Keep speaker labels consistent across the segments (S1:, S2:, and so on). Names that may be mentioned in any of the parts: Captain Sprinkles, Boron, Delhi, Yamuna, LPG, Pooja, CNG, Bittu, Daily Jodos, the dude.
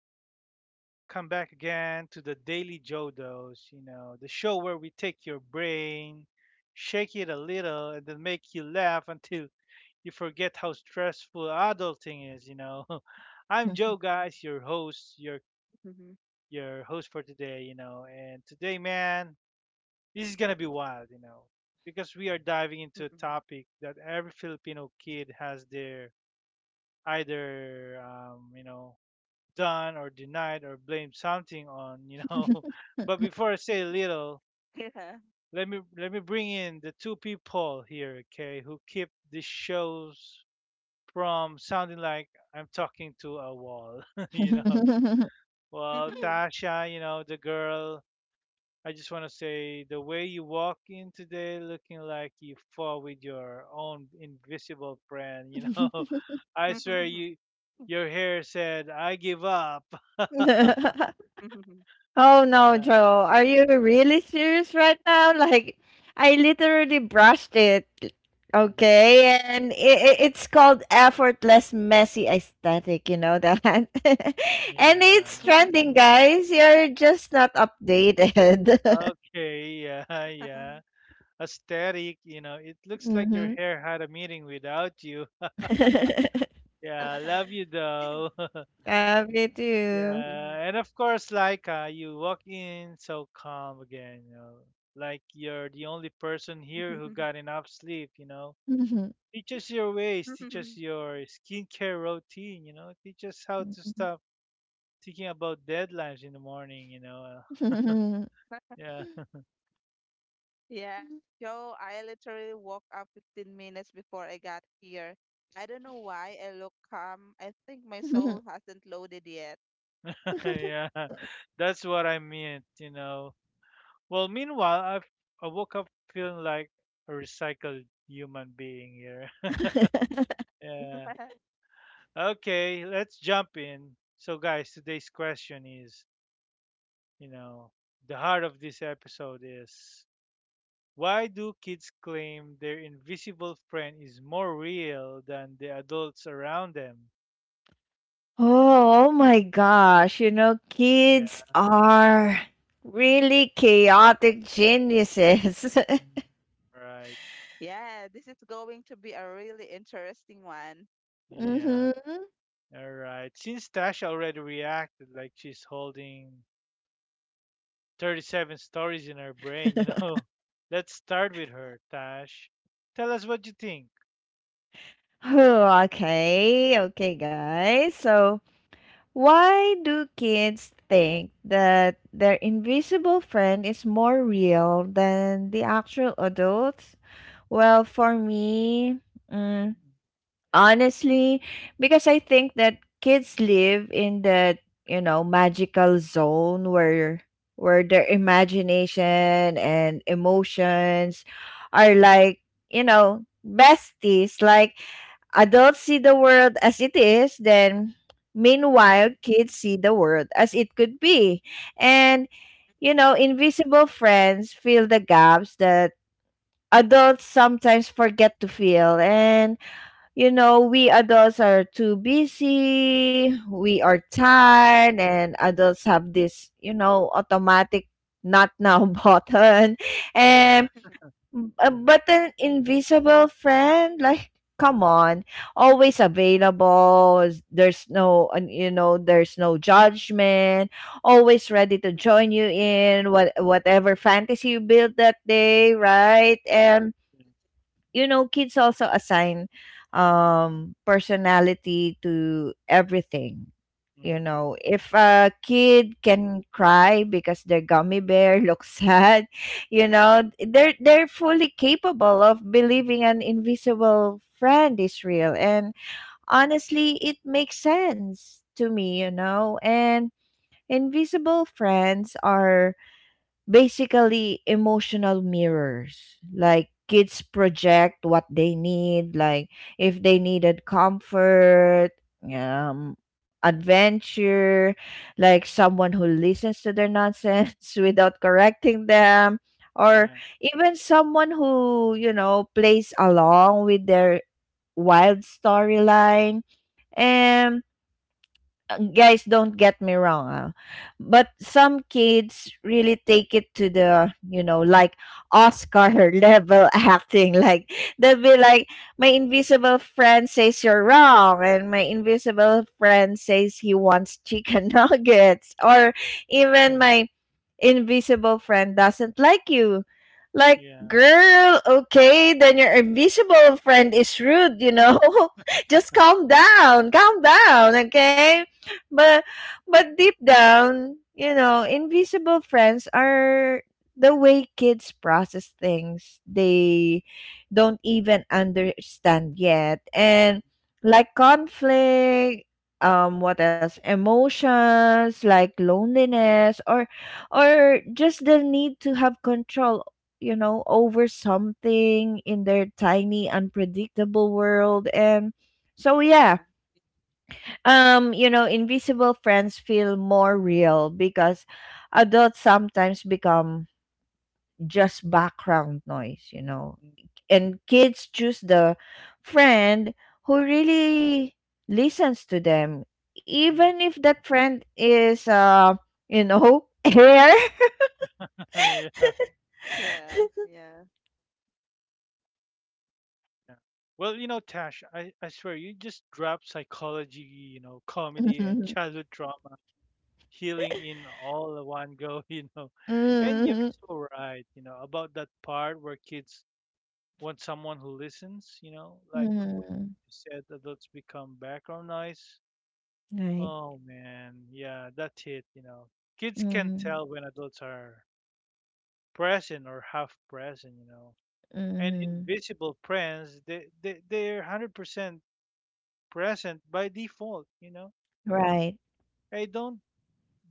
S1: everyone. Welcome back again to the Daily Jodos, the show where we take your brain, shake it a little, and then make you laugh until you forget how stressful adulting is. I'm Joe, guys, your host, your
S2: Mhm,
S1: your host for today, And today, man, this is going to be wild, because we are diving into a
S2: mhm.
S1: topic that every Filipino kid has their either done or denied or blamed something on. But before I say little,
S2: Yeah.
S1: let me bring in the two people here, okay, who keep the shows from sounding like I'm talking to a wall, you know. Well,
S2: Mhm.
S1: Tasha, the girl, I just want to say the way you walk in today looking like you fought with your own invisible friend, I swear
S2: Mhm.
S1: you your hair said I give up.
S2: Mhm. Mhm.
S3: Oh no,
S1: Yeah.
S3: Joe. Are you really serious right now? Like, I literally brushed it.
S1: Mm-hmm.
S3: Okay. And it's called effortless, messy aesthetic. You know that? And
S1: Yeah.
S3: it's trending, guys. You're just not updated.
S1: Okay, yeah, yeah. Aesthetic, it looks like your
S3: Mm-hmm.
S1: hair had a meeting without you. Yeah, love you though.
S3: Love you too.
S2: Mhm.
S1: Yeah, and of course, like you walk in so calm again, like you're the only person here who
S2: Mhm.
S1: got enough sleep, Teach us your ways, teach us your skincare routine, teach us how to stop thinking about deadlines in the morning, Yeah.
S2: Yeah, Joe, I literally woke up 15 minutes before I got here. I don't know why I look calm. I think my soul hasn't loaded yet.
S1: yeah, that's what I meant. Well, I woke up feeling like a recycled human being here. yeah. Okay, let's jump in. So, guys, today's question is, you know, the heart of this episode is why do kids claim their invisible friend is more real than the adults around them?
S3: Oh my gosh, you know, kids
S1: Yeah.
S3: are really chaotic geniuses.
S1: Mhm. Right.
S2: Yeah, this is going to be a really interesting one.
S1: Yeah.
S3: Mhm.
S1: All right. Since Tasha already reacted like she's holding 37 stories in her brain, Let's start with her, Tash. Tell us what you think.
S3: Oh, okay. Okay, guys. So, why do kids think that their invisible friend is more real than the actual adults? Well, for me, mm, honestly, because I think that kids live in that, you know, magical zone where their imagination and emotions are like, you know, besties. Like adults see the world as it is, then meanwhile
S2: Mhm.
S3: kids see the world as it could be. And, you know, invisible friends fill the gaps that adults sometimes forget to fill. And you know, we adults are too busy, we are tired, and adults have this, you know, automatic not now button.
S1: Yeah.
S3: And but an invisible friend, like come on, always available. There's no, and, you know, there's no judgment. Always ready to join you in whatever fantasy you build that day, right? And you know kids also assign personality to everything, you
S1: Mm-hmm.
S3: know, if a kid can cry because their gummy bear looks sad, you know they're fully capable of believing an invisible friend is real. And honestly it makes sense to me, you know. And invisible friends are basically emotional mirrors, like kids project what they need, like if they needed comfort, um adventure, like someone who listens to their nonsense without correcting them, or
S1: Yeah.
S3: even someone who, you know, plays along with their wild storyline. And guys, don't get me wrong, but some kids really take it to the, you know, like Oscar level acting. Like they'll be like, my invisible friend says you're wrong, and my invisible friend says he wants chicken nuggets, or even
S1: Yeah.
S3: my invisible friend doesn't like you. Like,
S1: Yeah.
S3: girl, okay, then your invisible friend is rude, you know. Just calm down, calm down, okay. But deep down, you know, invisible friends are the way kids process things they don't even understand yet. And like conflict, what else? Emotions like
S2: Yes,
S3: loneliness, or just the need to have control, you know, over something in their tiny unpredictable world. And so yeah,
S2: yeah.
S3: you know, invisible friends feel more real because adults sometimes become just background noise, you know. And kids choose the friend who really listens to them, even
S1: Mhm.
S3: if that friend is you know, air.
S1: yeah.
S2: Yeah, yeah.
S1: Yeah. Well, Tash, I swear you just drop psychology, comedy and childhood trauma, healing in all at one go, And
S3: Mhm.
S1: you're
S3: Mhm.
S1: so right, about that part where kids want someone who listens, like when
S3: Mhm.
S1: you said adults become background noise.
S3: Right.
S1: Oh man, yeah, that's it, Kids can
S3: Mhm.
S1: tell when adults are present or half present, And
S3: Mhm.
S1: invisible friends, they're 100% present by default,
S3: Right.
S1: They don't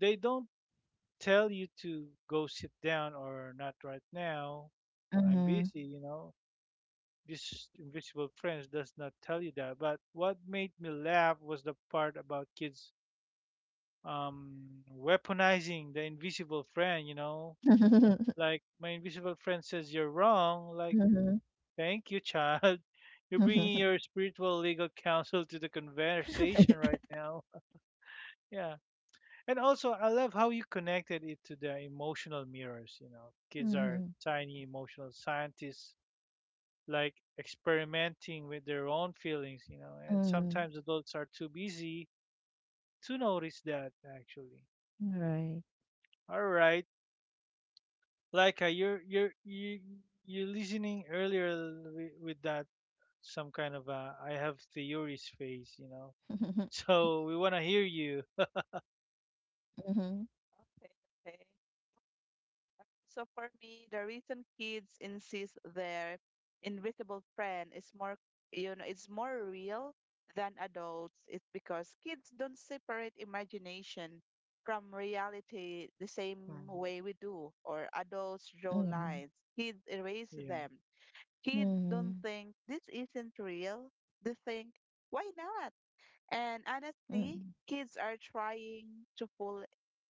S1: they don't tell you to go sit down or not right now. I'm
S3: Mhm.
S1: busy, This invisible friends does not tell you that. But what made me laugh was the part about kids um, weaponizing the invisible friend. Like my invisible friend says you're wrong. Like,
S3: Mhm.
S1: thank you, child. You're bringing your spiritual legal counsel to the conversation right now. Yeah. And also, I love how you connected it to the emotional mirrors. Kids are
S3: Mhm.
S1: tiny emotional scientists like experimenting with their own feelings, And
S3: Mm.
S1: sometimes adults are too busy to notice that actually.
S3: Right.
S1: All right, Laika, you're listening earlier with that some kind of a I have theories phase, So we want to hear you.
S3: Mhm.
S2: Okay, okay. So for me, the reason kids insist their invisible friend is more, you know, it's more real than adults is because kids don't separate imagination from reality the same
S1: Mhm.
S2: way we do, or adults draw
S3: Mhm.
S2: lines. Kids erase
S1: Yeah.
S2: them. Kids don't
S3: Mhm.
S2: think this isn't real. They think, why not? And honestly, kids are trying to fool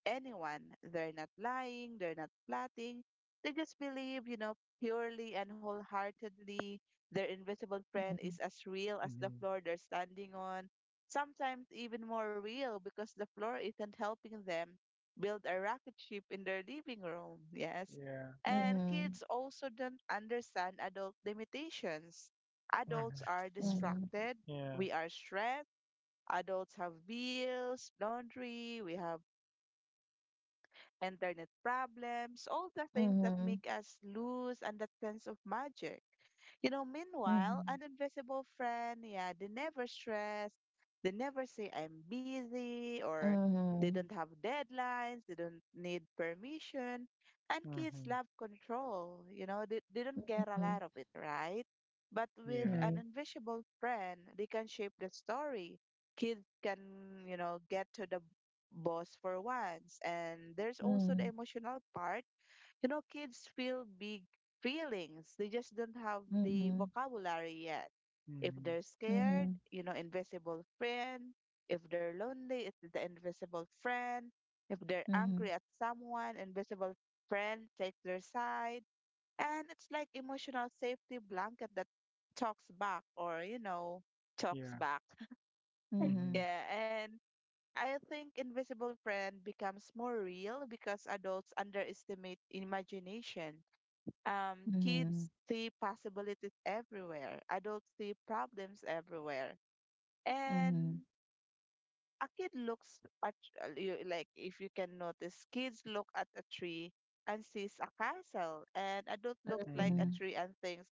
S2: anyone. They're not lying, they're not plotting. They just believe, you know, purely and wholeheartedly their invisible friend
S3: Mhm.
S2: is as real as the
S1: Hmm.
S2: floor they're standing on. Sometimes even more real because the floor isn't helping them build a rocket ship in their living room. Yes.
S1: Yeah.
S2: And
S3: Mhm.
S2: kids also don't understand adult limitations. Adults
S1: Hmm.
S2: are
S3: Mhm.
S2: distracted,
S1: Yeah.
S2: we are stressed. Adults have bills, laundry, we have internet problems, all the things that
S3: Mhm.
S2: make us lose and that sense of magic. You know, meanwhile,
S3: Mhm.
S2: an invisible friend, yeah, they never stress, they never say I'm busy,
S3: Mhm.
S2: or they
S3: Mhm.
S2: don't have deadlines, they don't need permission. And kids
S1: Hmm.
S2: love control, you know, they don't get a
S3: Mhm.
S2: lot of it, right? But
S1: Yeah. Hmm.
S2: with
S1: Yeah.
S2: an
S3: Right.
S2: invisible friend, they can shape the story. Kids can, you know, get to the boss for once. And there's also the
S3: Mhm.
S2: emotional part. You know, kids feel big feelings, they just don't have the
S3: Mhm.
S2: vocabulary yet. If they're scared,
S3: Mhm.
S2: you know, invisible friend. If they're lonely, it's the invisible friend. If they're
S3: Mhm.
S2: angry at someone, invisible friend takes their side. And it's like emotional safety blanket that talks back or, you know, talks back.
S1: Hmm.
S2: Yeah, and I think Invisible Friend becomes more real because adults underestimate imagination. Kids
S3: Mhm.
S2: see possibilities everywhere, adults see problems everywhere.
S3: Mhm.
S2: And a kid looks at, like, if you can notice, kids look at a tree and sees a castle, and adult looks like a
S1: Hmm.
S2: tree and thinks,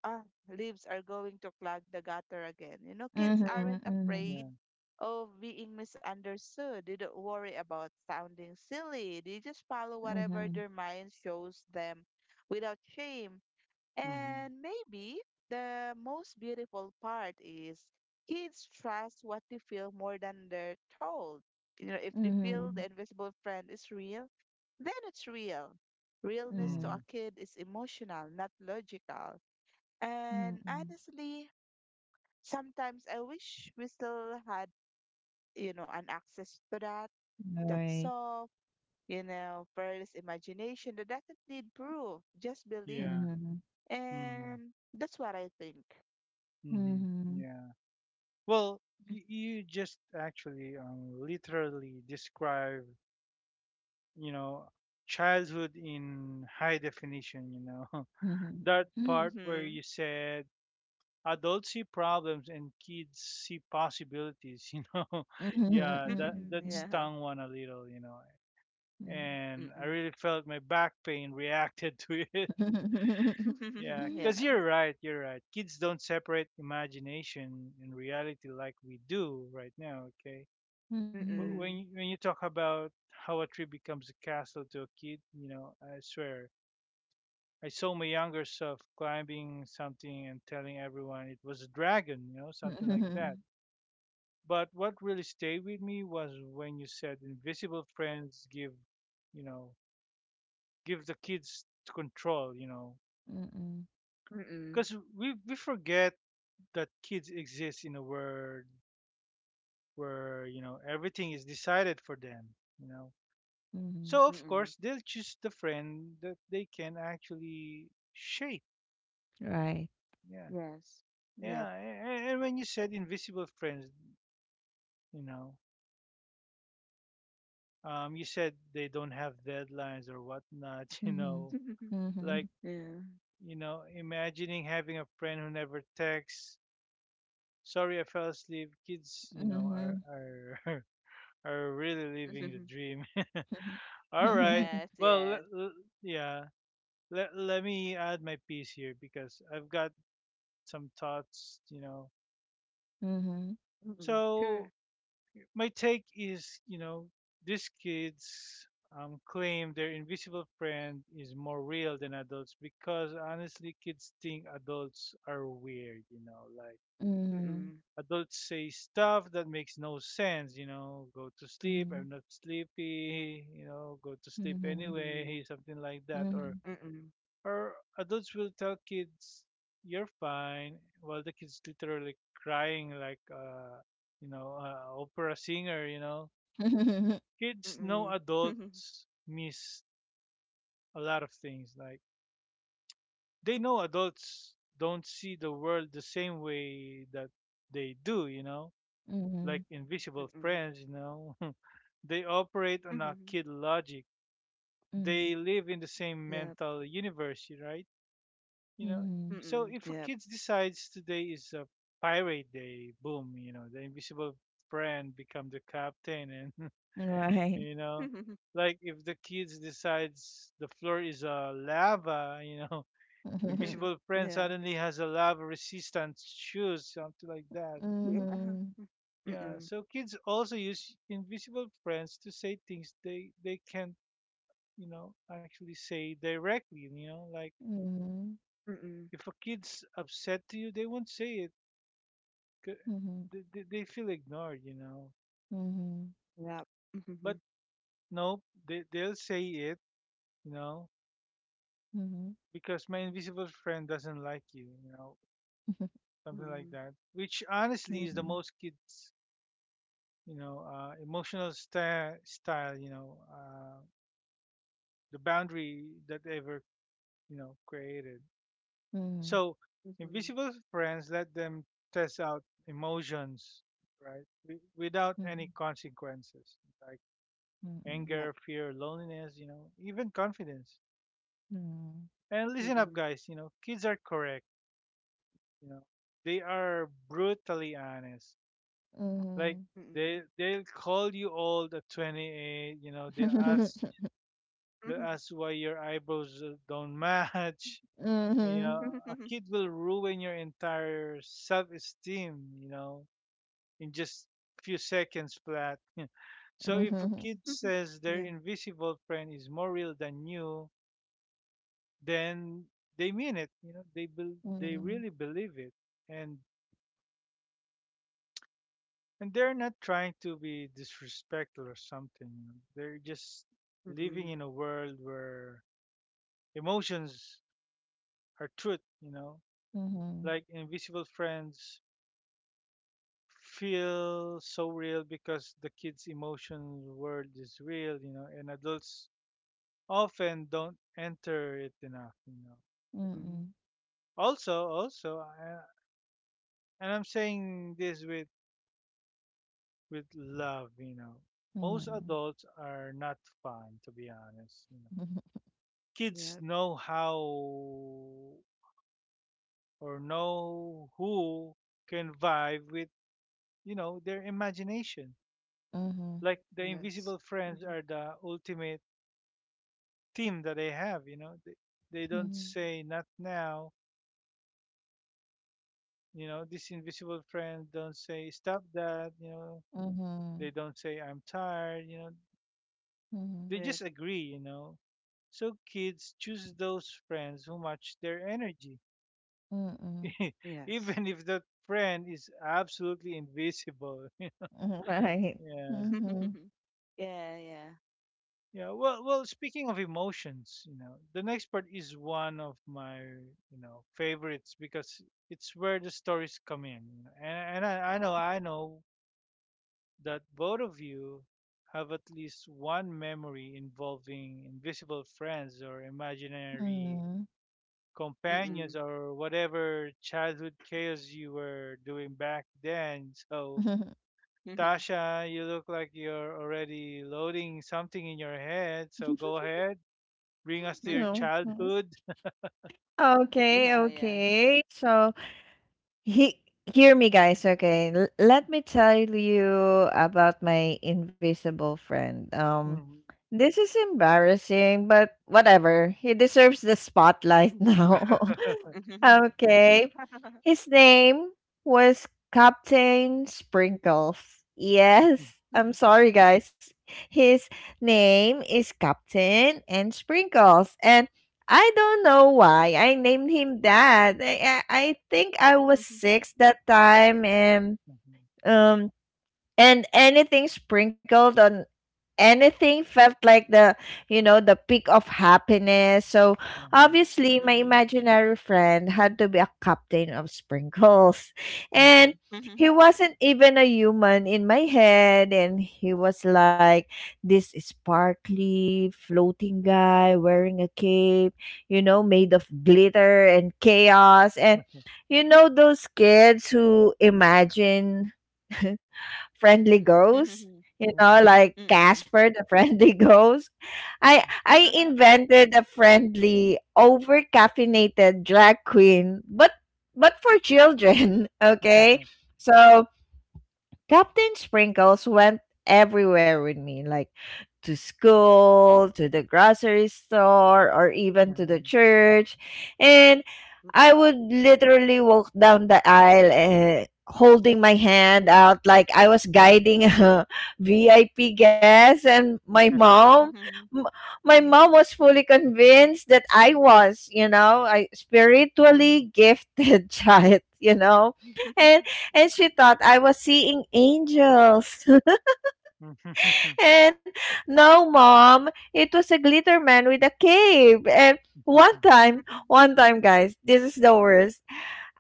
S2: ah, leaves are going to clog the gutter again. You know, kids
S3: Mhm.
S2: aren't
S3: Mhm.
S1: Yeah.
S2: afraid of being misunderstood. They don't worry about sounding silly. They just follow whatever
S3: Mhm.
S2: their mind shows them without shame.
S1: Hmm.
S2: And maybe the most beautiful part is kids trust what they feel more than they're told. You know, if they feel the invisible friend is real, then it's real.
S3: Mhm. Mhm.
S2: Realness
S3: Mhm.
S2: to
S3: Mhm.
S2: a
S1: Hmm.
S2: kid is emotional, not logical. And
S3: Mhm.
S2: honestly, sometimes I wish we still had, you know, an access to that, that
S3: Right.
S2: soft, you know, fearless imagination that doesn't need proof, just believe.
S1: Yeah.
S3: Mhm.
S1: Hmm.
S2: And that's what I think.
S1: Mm-hmm.
S3: Mhm.
S1: Yeah. Well, you just actually literally describe, you know, childhood in high definition,
S3: Mhm.
S1: That
S3: Mhm.
S1: part where
S2: Mm-hmm.
S1: you said adults see problems and kids see possibilities, Yeah, that
S3: Mhm.
S1: that
S2: Yeah.
S1: stung one a little,
S3: Mhm.
S1: And I
S2: Mm-mm.
S1: really felt my back pain reacted to it.
S3: Mhm.
S1: Yeah,
S2: Yeah.
S1: because you're right, you're right. Kids don't separate imagination and reality like we do right now, okay?
S3: Mhm.
S2: Mm-mm.
S1: When you, when you talk about how a tree becomes a castle to a kid, I swear, I saw my younger self climbing something and telling everyone it was a dragon, something like that.
S3: Mhm.
S1: But what really stayed with me was when you said invisible friends give, you know, give the kids control,
S3: Mhm.
S2: Mm-mm.
S1: because we forget that kids exist in a world where everything is decided for them you know
S3: Mhm.
S1: so of
S2: Mm-mm.
S1: course they'll choose the friend that they can actually shape.
S3: Right.
S1: Yeah,
S2: Yes.
S1: yeah.
S2: Yep.
S1: And when you said invisible friends you know you said they don't have deadlines or whatnot
S3: Mhm.
S1: like
S3: Mhm.
S2: Yeah.
S1: imagining having a friend who never texts sorry I fell asleep kids you know
S3: Mhm.
S1: are are really living the dream.
S3: Mhm.
S1: All right.
S2: Yes,
S1: Well,
S2: yes.
S1: yeah. Let me add my piece here because I've got some thoughts,
S3: Mhm.
S2: Mm-mm. Sure.
S1: So my take is, these kids claim their invisible friend is more real than adults because honestly, kids think adults are weird, like
S3: Mhm.
S2: Mm-mm.
S1: adults say stuff that makes no sense, go to sleep,
S3: Mhm.
S1: I'm not sleepy, go to sleep
S3: Mhm.
S2: Mm-mm.
S1: anyway, something like that, or
S3: Mhm.
S2: Mm-mm.
S1: Or adults will tell kids, "You're fine," while the kids literally crying like, opera singer.
S3: Mhm.
S1: Kids know
S2: Mm-mm.
S1: adults miss a lot of things. Like they know adults don't see the world the same way that they do. Like
S3: Mhm.
S1: invisible
S2: Mm-mm.
S1: friends. They operate on a
S2: Mhm.
S1: kid logic.
S3: Mhm.
S1: They live in the same
S2: Yep.
S1: mental universe, right? you know
S3: Mhm.
S1: so
S2: Mm-mm.
S1: if a
S2: Yep.
S1: kid decides today is a pirate day boom the invisible friend become the captain and
S3: Right.
S1: you know like if the kids decides the floor is a lava
S2: Mhm.
S1: invisible friend
S2: Yeah.
S1: suddenly has a lava resistant shoes something like that.
S2: Yeah.
S3: Mhm.
S1: Yeah,
S2: Mm-mm.
S1: so kids also use invisible friends to say things they can't actually say directly like
S3: Mhm.
S2: Mm-mm.
S1: if a kid's upset to you they won't say it c-
S3: Mhm.
S1: they, they feel ignored,
S3: Mhm.
S2: Yep.
S1: But
S2: Mhm.
S1: no, they they'll say it, you know,
S3: Mhm.
S1: because my invisible friend doesn't like you,
S3: Mhm.
S1: something like
S2: Mm-mm.
S1: that. Which honestly is the
S3: Mhm.
S1: most kids, emotional sta style, the boundary that ever, created.
S3: Mhm.
S1: So
S2: Mhm.
S1: invisible friends let them test out emotions, right, without any consequences, like
S3: Mhm.
S1: anger,
S2: Yep.
S1: fear, loneliness, even confidence.
S3: Mhm.
S1: And listen up,
S2: Mm-mm.
S1: guys. Kids are correct. You know, they are brutally honest. Like
S3: Mhm.
S1: they
S2: Mm-mm.
S1: they'll call you old at 28.
S3: Mhm.
S1: They ask why your eyebrows don't match. You
S3: Mhm,
S1: know, a
S2: Mhm.
S1: kid will ruin your entire self-esteem. In just few seconds flat. so if a
S3: mhm,
S1: kid says their
S2: Yeah.
S1: invisible friend is more real than you, then they mean it. They bel they
S3: mhm,
S1: really believe it, and and they're not trying to be disrespectful or something. They're just living
S2: Mm-mm.
S1: in a world where emotions are truth.
S3: mhm,
S1: Like Invisible Friends feel so real because the kids' emotion world is real. And adults often don't enter it enough.
S2: Mm-mm.
S3: mhm,
S1: Also, also, I, and I'm saying this with love, Most
S3: mhm,
S1: adults are not fun, to be honest.
S3: mhm,
S1: Kids
S2: Yep.
S1: know how or know who can vibe with, their imagination.
S3: mhm,
S1: Like the
S2: Yes.
S1: invisible friends
S2: Mhm.
S1: are the ultimate team that they have. They don't
S3: mhm,
S1: say not now. This invisible friend don't say stop that. They
S3: mhm,
S1: don't say I'm tired.
S3: mhm,
S1: They
S2: Yep.
S1: just agree, So kids choose those friends who match their energy,
S3: mhm,
S2: Yes.
S1: even if that friend is absolutely invisible.
S3: mhm, right.
S1: Yeah.
S3: Mhm,
S2: Yeah, yeah.
S1: Yeah. Well, well, speaking of emotions, the next part is one of my, favorites because it's where the stories come in. You know? And I know, I know that both of you have at least one memory involving invisible friends or imaginary
S3: mhm.
S1: companions
S2: Mm-mm.
S1: or whatever childhood chaos you were doing back then. So,
S2: Mhm.
S1: Tasha, you look like you're already loading something in your head. So, go ahead, bring us to your
S2: Mhm.
S3: Oh, my.
S1: childhood.
S3: Okay,
S2: Yeah, yeah.
S3: okay. So he hear me, guys, okay. Let me tell you about my invisible friend.
S1: Mhm.
S3: This is embarrassing, but whatever. He deserves the spotlight
S2: Mhm.
S3: now.
S2: Mhm.
S3: Okay. His name was Captain Sprinkles.
S1: yeah.
S3: Yes. I'm sorry, guys. His name is Captain and Sprinkles. And I don't know why I named him that. I think I was six that time. And
S1: Mhm.
S3: um and anything sprinkled on anything felt like the, you know, the peak of happiness. So
S1: Mhm.
S3: obviously my
S2: Mm-mm.
S3: imaginary friend had to be a captain of sprinkles.
S1: Mhm.
S3: And he
S2: Mm-mm.
S3: wasn't even a human in my head, and he was like this sparkly floating guy wearing a cape, you know, made of glitter and chaos. And you know those kids who imagine friendly
S2: Mm.
S3: ghosts,
S2: Mm.
S3: you know, like
S2: Mm.
S3: Casper the friendly ghost. I
S2: Mm. Mm mm.
S3: invented a friendly over caffeinated drag queen, but for children, okay? So Captain Sprinkles went everywhere with me, like to school, to the grocery store, or even to the church. And I would literally walk down the aisle, holding my hand out like I was guiding a VIP guest. And my mom m- my mom was fully convinced that I was, you know, I spiritually gifted child, you know. And she thought I was seeing angels. And no, mom, it was a glitter man with a cape. And one time, guys, this is the worst.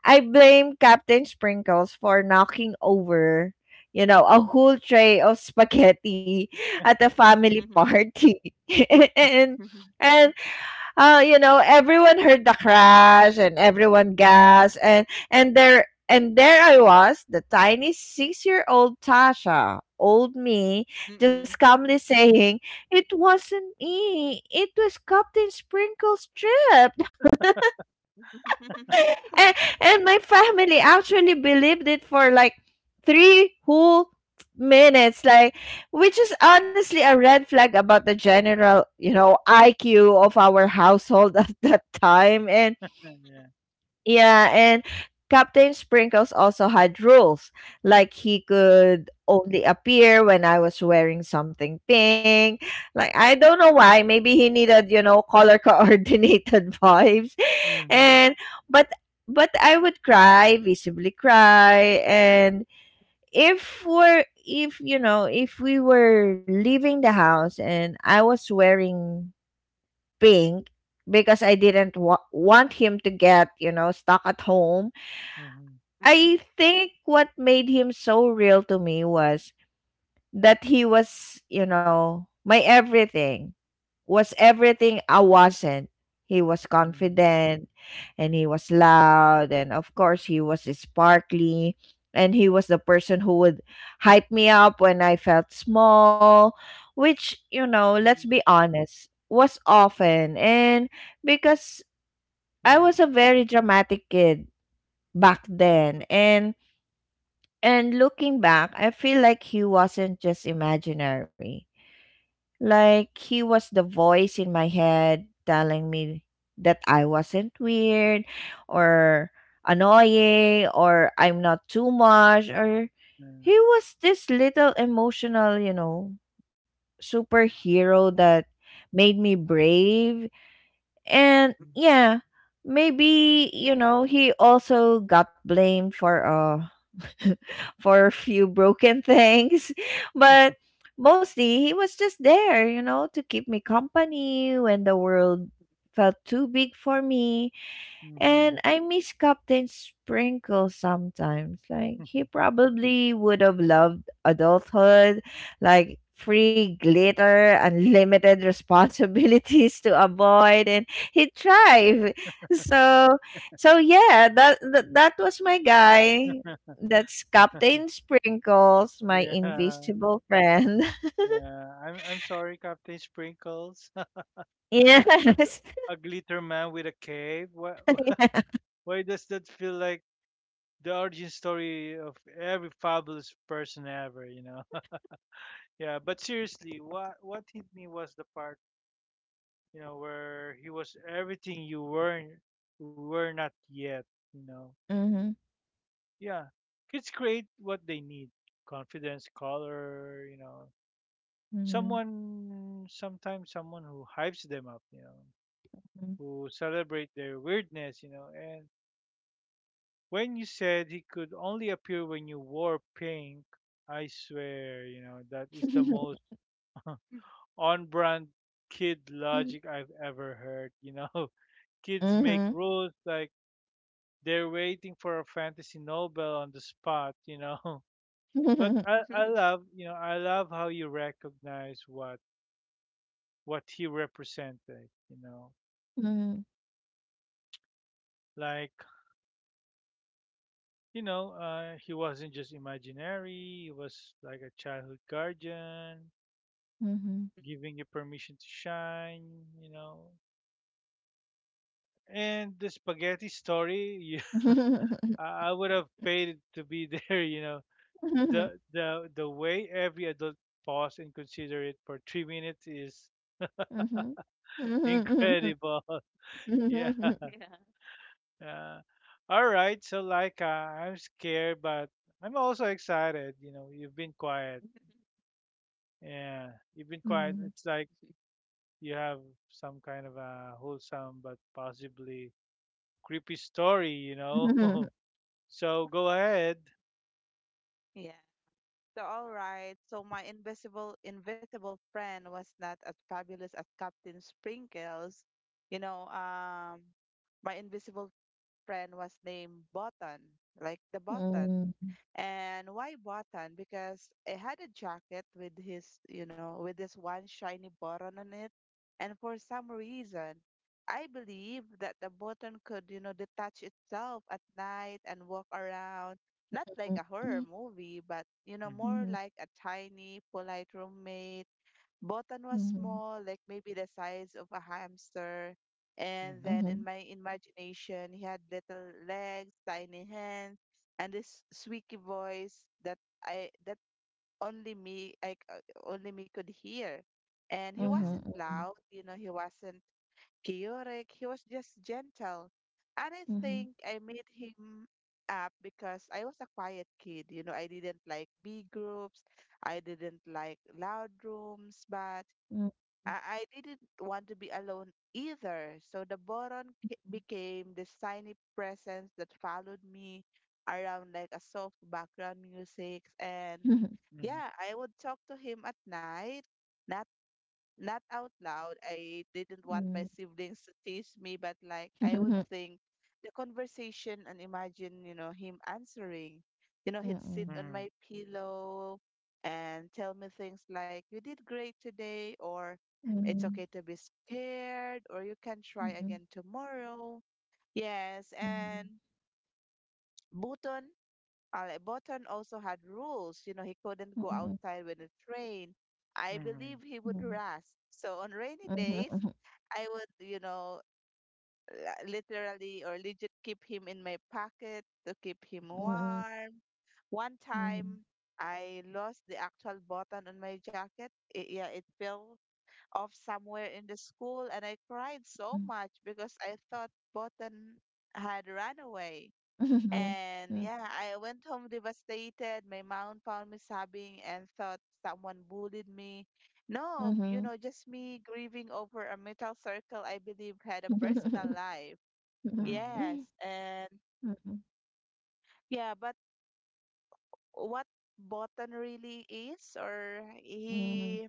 S3: I blame Captain Sprinkles for knocking over, you know, a whole tray of spaghetti at a family
S2: Mhm.
S3: party. And and you know, everyone heard the crash and everyone gasped. And and there I was, the tiny six-year-old Tasha, old me, just
S2: Mm-mm.
S3: calmly saying,
S2: Mhm.
S3: "It wasn't me. It was Captain Sprinkle's trip."
S2: Mm. Mm.
S3: and, and my family actually believed it for like three whole minutes, like, which is honestly a red flag about the general, you know, iq of our household at that time. And yeah, and Captain Sprinkles also had rules, like he could only appear when I was wearing something pink. Like, I don't know why, maybe he needed, you know, color coordinated vibes. And but but I would cry, visibly cry, and if you know, if we were leaving the house and I was wearing pink, because I didn't want him to get, you know, stuck at home. I think what made him so real to me was that he was, you know, my everything was everything I wasn't. He was confident, and he was loud, and of course he was sparkly, and he was the person
S2: Mm.
S3: who would hype me up when I felt small, which, you know, let's
S2: Mm.
S3: be honest, was often. And because I was a very dramatic kid back then. And looking back, I feel like he wasn't just imaginary.
S2: Yep,
S3: Like, he was the voice in my head telling me that I wasn't weird, or annoying, or I'm not too much, or he was this little emotional, you know, superhero
S2: yep.
S3: that made me brave. And
S2: Mm.
S3: yeah, maybe, you know, he also got blamed for for a few broken things, but mostly he was just there, you know, to keep me company when the world felt too big for me. And
S1: Mhm.
S3: I miss Captain Sprinkle sometimes. Like,
S1: Yeah.
S3: he probably would have loved adulthood, like free glitter, unlimited responsibilities to avoid, and he'd thrive. So yeah, that was my guy. That's Captain Sprinkles, my
S1: Yeah.
S3: invisible friend.
S1: Yeah, I'm sorry, Captain Sprinkles. G-
S3: Yes.
S1: a glitter man with a cape. Why, why does that feel like the origin story of every fabulous person ever, yeah, but seriously, what hit me was the part, where he was everything you were not yet, you know.
S3: Mm-hmm.
S1: Yeah. Kids create what they need. Confidence, color,
S3: Mm-hmm.
S1: Someone sometimes someone who hypes them up, who celebrate their weirdness, And when you said he could only appear when you wore pink, I swear, that is the most
S3: Mm-hmm.
S1: on brand kid logic I've ever heard. Kids make
S3: Mm-hmm.
S1: rules like they're waiting for a fantasy Nobel on the spot. But I, I love, I love how you recognize what he represented. Like he wasn't just imaginary. He was like a childhood guardian,
S3: Mm-hmm.
S1: giving you permission to shine. You know, and the spaghetti story, I would have paid to be there. The way every adult pause and consider it for 3 minutes is incredible. Yeah.
S2: Yeah.
S1: Uh, all right. So like, I'm scared, but I'm also excited. You've been quiet. Yeah, you've been quiet. It's like you have some kind of a wholesome but possibly creepy story. So go ahead.
S2: Yeah. So, all right. So, my invisible friend was not as fabulous as Captain Sprinkles. You know, my invisible friend was named Button, like the button. And why button? Because it had a jacket with his, you know, with this one shiny button on it. And for some reason, I believe that the button could, you know, detach itself at night and walk around, not like a horror movie, but, you know,
S1: Mhm,
S2: more like a tiny, polite roommate. Botan was small, like maybe the size of a hamster. And
S1: mhm,
S2: then in my imagination, he had little legs, tiny hands, and this squeaky voice that I that only me I c- only me could hear. And he
S1: mhm,
S2: wasn't loud, you know, he wasn't chaotic. He was just gentle. And I think I made him up because I was a quiet kid. You know, I didn't like big groups. I didn't like loud rooms, but I didn't want to be alone either. So the became this tiny presence that followed me around like a soft background music. And yeah, I would talk to him at night, not not out loud. I didn't want my siblings to tease me, but like I would think the conversation and imagine, you know, him answering. You know, he'd sit on
S1: mhm,
S2: my pillow and tell me things like, you did great today, or it's okay to be scared, or you can try again tomorrow. Yes, and Buton. Botan also had rules. You know, he couldn't go outside when it rained. I
S1: mhm,
S2: believe he would rust. So on rainy days, I would, you know, literally or legit keep him in my pocket to keep him warm. One time, I lost the actual button on my jacket. It, yeah, it fell off somewhere in the school, and I cried so much because I thought button had run away. And yeah, I went home devastated. My mom found me sobbing and thought someone bullied me. No, you know, just me grieving over a metal circle I believe had a personal life.
S1: mhm,
S2: Yes, and yeah, but what Botan really is, or he,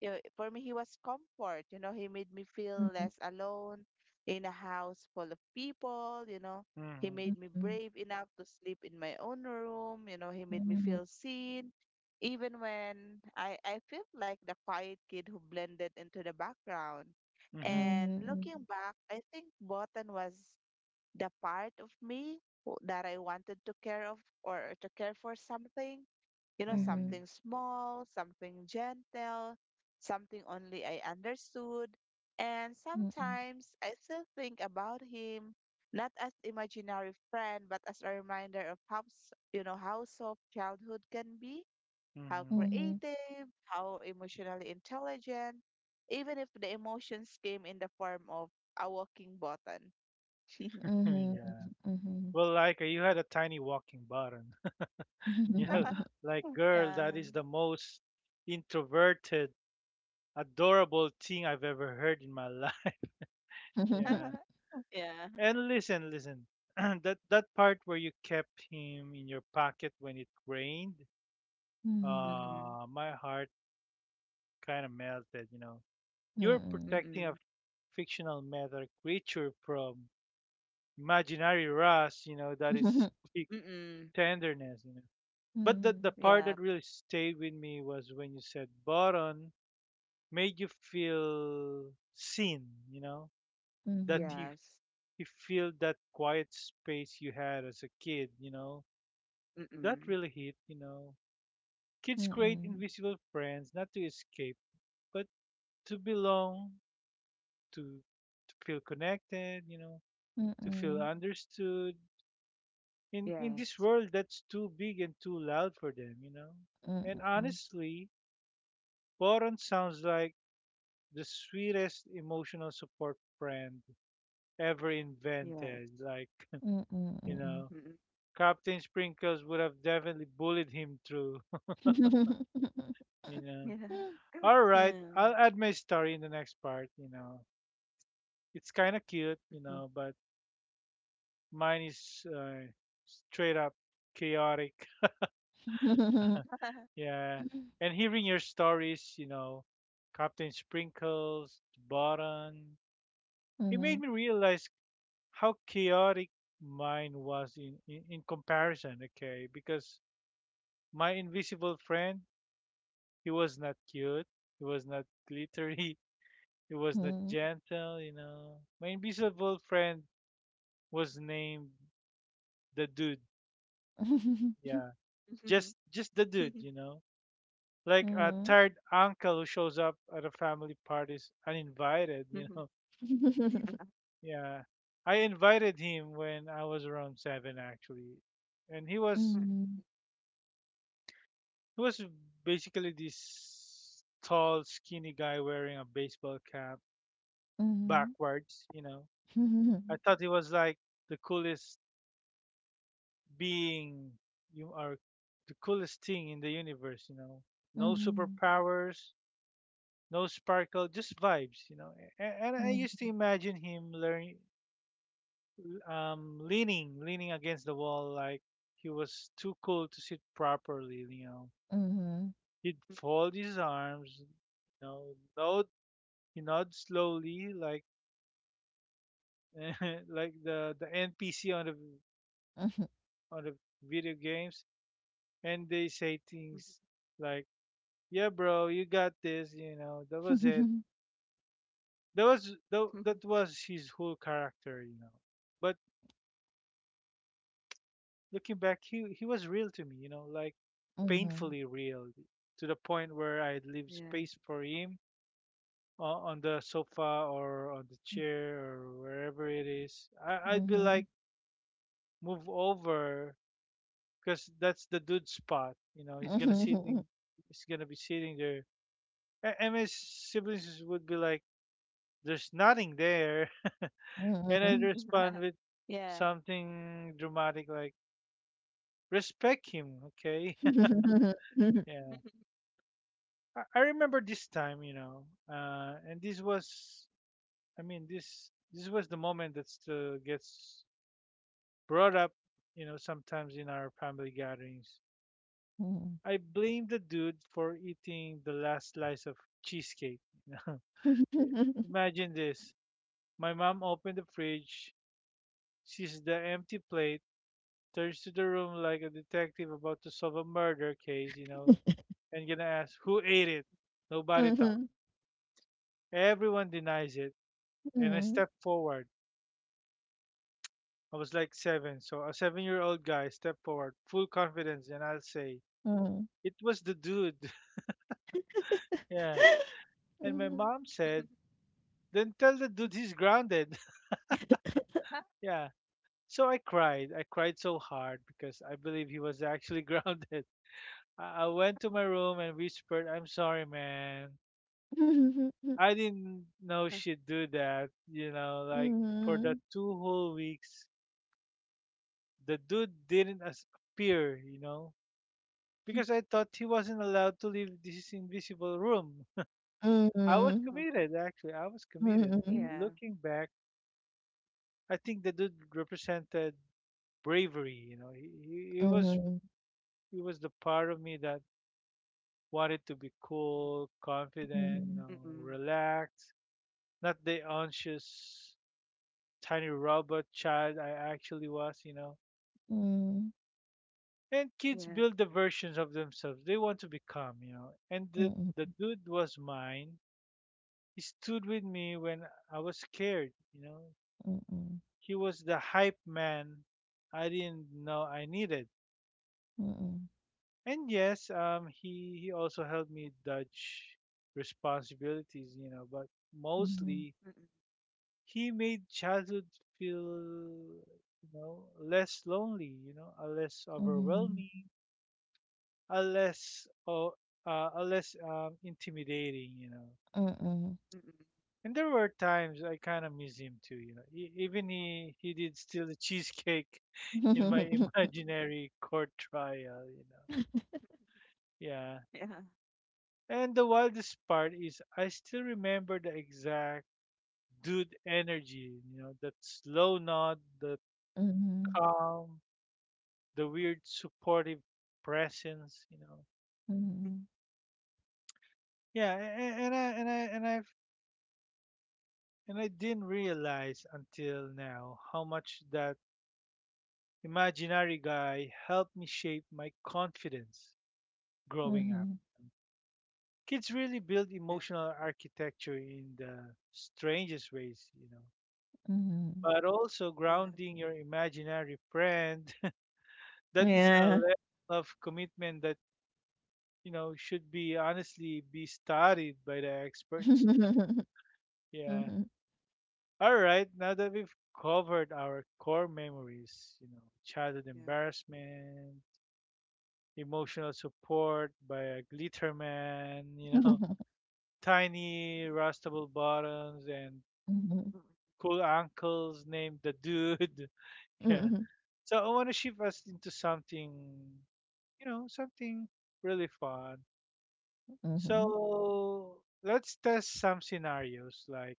S2: you know, for me, he was comfort. You know, he made me feel less alone in a house full of people. You know, he made me brave enough to sleep in my own room. You know, he made me feel seen, even when I felt like the quiet kid who blended into the background.
S1: mhm,
S2: And
S3: Mhm,
S2: looking back, I think Botan was the part of me that I wanted to care of or to care for something, you know,
S3: mhm,
S1: mhm,
S3: mhm,
S2: something small, something gentle, something only I understood. And sometimes I still think about him not as imaginary friend but as a reminder of you know how soft childhood can be,
S1: mhm,
S2: how
S3: mhm,
S1: mhm.
S3: mhm,
S2: creative, how emotionally intelligent, even if the emotions came in the form of a walking button.
S3: mhm,
S1: Yeah. Well,
S3: mhm.
S1: like you had a tiny walking button. Yeah. Like, girl,
S2: Yeah.
S1: that is the most introverted, adorable thing I've ever heard in my life. Yeah.
S2: Yeah.
S1: And listen, listen. That part where you kept him in your pocket when it rained,
S3: 嗯
S2: Mm-mm.
S1: my heart kind of melted.
S3: 嗯
S1: You're
S3: 嗯
S1: protecting a
S2: Mm-mm.
S1: fictional metal creature from imaginary rust. That is big
S2: Mm-mm.
S1: tenderness. But the
S3: 嗯
S1: part that
S2: Yeah.
S1: really stayed with me was when you said Boron made you feel seen. You know, that
S3: 嗯
S1: he
S2: Yes.
S1: he filled that quiet space you had as a kid. That
S2: Mm-mm.
S1: really hit. Kids
S3: 嗯
S1: create
S3: 嗯
S1: invisible friends not to escape, but to belong, to feel connected,
S3: 嗯
S1: to feel
S3: 嗯
S1: understood. In this
S2: Yes.
S1: world that's too big and too loud for them. And
S3: 嗯
S1: honestly, Boron sounds like the sweetest emotional support friend ever
S2: Yes.
S1: invented. Like,
S3: 嗯嗯嗯
S1: you
S3: 嗯
S1: know,
S2: Mm-mm.
S1: Captain Sprinkles would have definitely bullied him through. you know.
S2: Yeah.
S1: All right,
S2: Yeah.
S1: I'll add my story in the next part. It's kind of cute, but mine is straight up chaotic. Yeah, and hearing your stories, Captain Sprinkles, Button, it
S3: 嗯
S1: made me realize how chaotic mine was in comparison. Okay, because my invisible friend, he was not cute, he was not glittery, he
S3: 嗯
S1: was not
S3: 嗯嗯
S1: gentle. My invisible friend was named the dude. Yeah, just
S2: Mhm.
S1: just the dude, like a
S3: 嗯
S1: tired uncle who shows up at a family parties uninvited.
S3: 嗯
S2: Mhm.
S1: Yeah. I invited him when I was around seven, actually, and he was basically this tall, skinny guy wearing a baseball cap
S3: 嗯嗯
S1: backwards.
S3: 嗯
S1: I thought he was like the coolest being you are the coolest thing in the universe. No superpowers, no sparkle, just vibes. And I used to imagine him leaning against the wall like he was too cool to sit properly. He'd fold his arms, know, nod, he nod slowly like like the NPC on the
S3: 嗯嗯
S1: on the video games, and they say
S2: Mhm.
S1: things like, "Yeah, bro, you got this." That was it.
S3: 嗯
S1: That
S2: Mhm.
S1: was his whole character. But looking back, he was real to me, like
S3: Mhm.
S1: painfully real to the point where I'd leave
S2: Yeah.
S1: space for him on the sofa or on the chair or wherever it is. I,
S3: M
S1: I'd be like,
S3: mhm.
S1: move over because that's the dude's spot.
S3: Mhm.
S1: He's gonna be sitting there. And my siblings would be like, "There's nothing there," and I'd respond with
S2: Yeah.
S1: something dramatic like, "Respect him, okay?" Yeah. I remember this time, and this was, I mean, this was the moment that still gets brought up, sometimes in our family gatherings.
S3: Mhm.
S1: I blame the dude for eating the last slice of cheesecake. You know? Imagine this: my mom opened the fridge, sees the empty plate, turns to the room like a detective about to solve a murder case, and gonna ask who ate it. Nobody talked. Everyone denies it, and I
S3: Mhm.
S1: step forward. I was like seven. So a 7-year old guy stepped forward, full confidence, and I'll say, "It was the dude." Yeah. And my mom said, "Then tell the dude he's grounded." Yeah. So I cried. I cried so hard because I believe he was actually grounded. I went to my room and whispered, "I'm sorry, man." I didn't know she'd do that. Like for the two whole weeks, the dude didn't appear, because I thought he wasn't allowed to leave this invisible room. I was committed, actually. I was
S3: Mhm. Mhm.
S1: committed.
S3: Mhm.
S2: Yeah.
S3: Mhm.
S1: And
S2: Yeah.
S1: looking back, I think the dude represented bravery. He was the part of me that wanted to be cool, confident,
S2: Mm-mm.
S1: relaxed, not the anxious tiny robot child I actually was. And kids
S2: Yeah.
S1: build the versions of themselves they want to become. And the
S3: Mhm.
S1: the
S3: Mhm.
S1: dude was mine. He stood with me when I was scared. He was the hype man I didn't know I needed. And yes, he also helped me dodge responsibilities. But mostly,
S2: Mm-mm.
S1: he made childhood feel, less lonely, a
S3: Mhm. Mhm. Mhm. Mhm. Mhm.
S1: less
S3: Mm, mm, mm, mhm, mhm,
S1: overwhelming, a less oh, a less intimidating.
S3: mm.
S2: Mm-mm.
S1: And there were times I kind of miss him too. Even he did steal the cheesecake in my
S3: Mhm.
S1: imaginary court trial. Yeah.
S2: Yeah.
S1: And the wildest part is I still remember the exact dude energy, that slow nod, the
S3: Mhm.
S1: calm, the weird supportive presence.
S3: Mhm.
S1: Yeah, and I didn't realize until now how much that imaginary guy helped me shape my confidence growing up.
S3: Mhm.
S1: Kids really build
S2: Yeah.
S1: emotional architecture in the strangest ways.
S3: Mhm.
S1: But also
S2: Yeah.
S1: grounding your imaginary friend. That is a
S3: Yeah.
S1: level of commitment that, should be honestly be studied by the experts.
S3: Mhm.
S1: Yeah.
S3: Mhm.
S1: All right, now that we've covered our core memories, childhood
S2: Yeah.
S1: embarrassment, emotional support by a glitter man, tiny rustable bottoms and
S3: Mhm. Mhm.
S1: cool uncles named the dude. Yeah.
S3: Mhm.
S1: So I want to shift us into something, something really fun. So let's test some scenarios like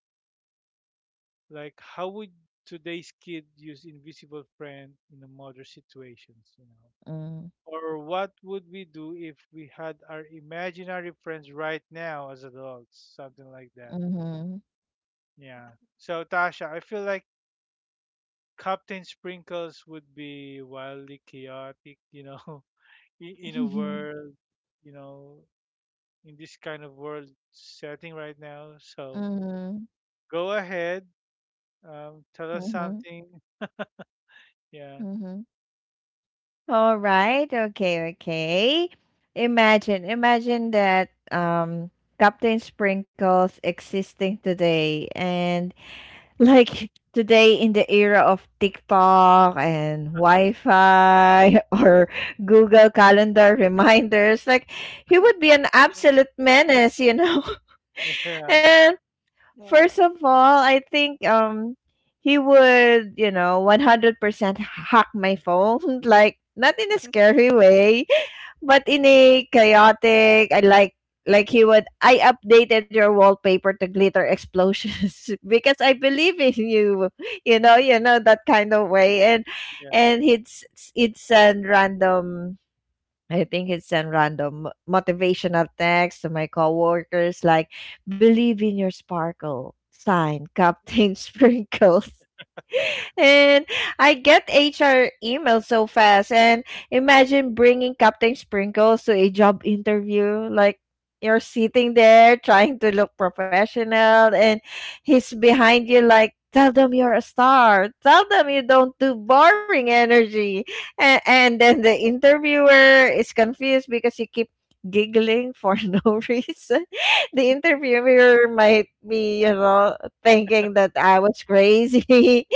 S1: like how would today's kid use invisible friend in a modern situations, you know?
S3: Mm.
S1: Or what would we do if we had our imaginary friends right now as adults? Something like that.
S3: Mhm.
S1: Yeah. So Tasha, I feel like Captain Sprinkles would be wildly chaotic, in a
S3: Mhm.
S1: world, you know, in this kind of world setting right now. So
S3: Mhm.
S1: go ahead, tell us
S3: Mhm.
S1: something. Yeah,
S3: Mhm.
S2: Yeah.
S3: All right. Okay. Okay. Imagine, imagine that Captain Sprinkles existing today. And Like today in the era of TikTok and Wi-Fi or Google Calendar reminders, like he would be an
S2: The,
S3: absolute menace, you know.
S1: yeah,
S3: And
S2: the,
S3: first of all, I think he would, you know, 100% hack my phone, like not in a scary way, but in a chaotic, I like he would, I updated your wallpaper to glitter explosions because I believe in you. You know, you know, that kind of way. And
S1: yeah,
S3: and it's it's a random, I think it's a random motivational text to my coworkers like, believe in your sparkle, sign Captain Sprinkles. And I get HR emails so fast. And imagine bringing Captain Sprinkles to a job interview. Like, you're sitting there trying to look professional, and he's behind you, like, tell them you're a star. Tell them you don't do boring energy. And, then the interviewer is confused because you keep giggling for no reason. The interviewer might be, you know, thinking that I was crazy.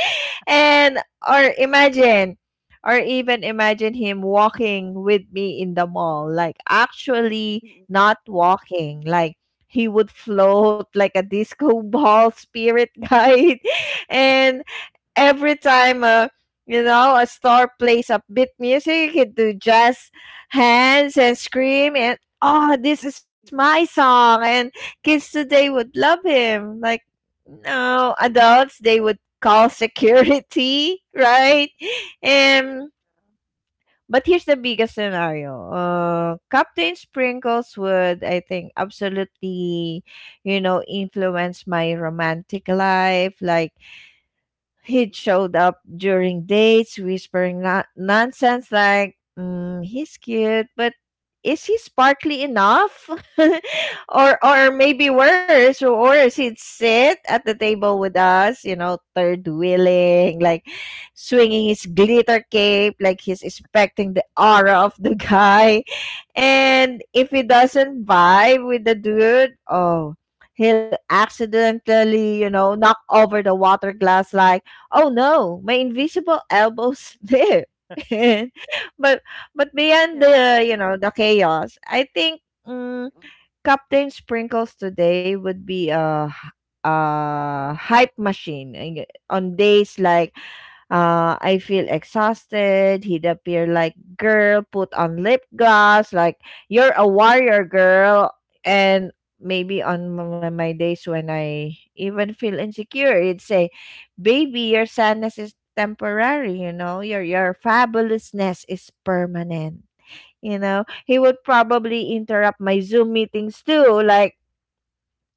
S3: And or imagine or even imagine him walking with me in the mall, like actually
S2: Mm-mm,
S3: not walking, like he would float like a disco ball spirit guide. And every time a, you know, a star plays upbeat music, you can do jazz hands and scream and, oh, this is my
S2: mm-mm,
S3: song. And kids today would love him. Like, no adults, they would call security. Right?
S2: mm-mm.
S3: And but here's the biggest scenario. Captain Sprinkles would, I think, absolutely, you know, influence my romantic life. Like, he'd showed up during dates, whispering nonsense like, mm, he's cute, but is he sparkly enough? Or or worse, he'd sit at the table with us, you know, third wheeling, like swinging his glitter cape, like he's expecting the aura of the guy. And if he doesn't vibe with the dude, oh, he'll accidentally, you know, knock over the water glass like, oh no, my invisible elbow slipped. But beyond
S2: Yeah.
S3: the, you know, the chaos, I think,
S2: Mm-mm,
S3: Captain Sprinkles today would be a a hype machine. And on days like, I feel exhausted, he'd appear like, girl, put on lip gloss. Like, you're a warrior, girl. And maybe on my, my days when I even feel insecure, he'd say, baby, your sadness is temporary, you know? Your fabulousness is permanent. You know, he would probably interrupt my Zoom meetings too. Like,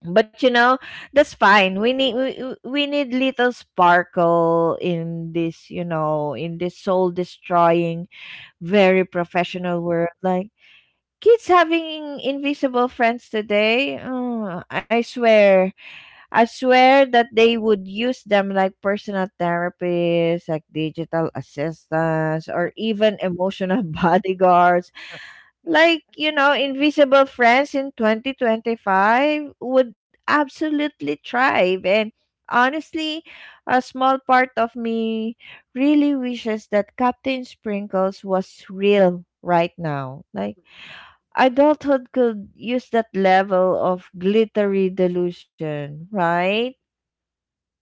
S3: but you know, that's fine, we need we need little sparkle in this, you know, in this soul destroying very
S2: mm-mm,
S3: professional world. Like, kids having invisible friends today, oh, I swear, that they would use them like personal therapists, like digital assistants, or even
S2: mm-mm.
S3: emotional bodyguards.
S2: Yeah.
S3: Like, you know, invisible friends in 2025 would absolutely thrive. And honestly, a small part of me really wishes that Captain Sprinkles was real right now. Like, adulthood could use that level of glittery delusion, right?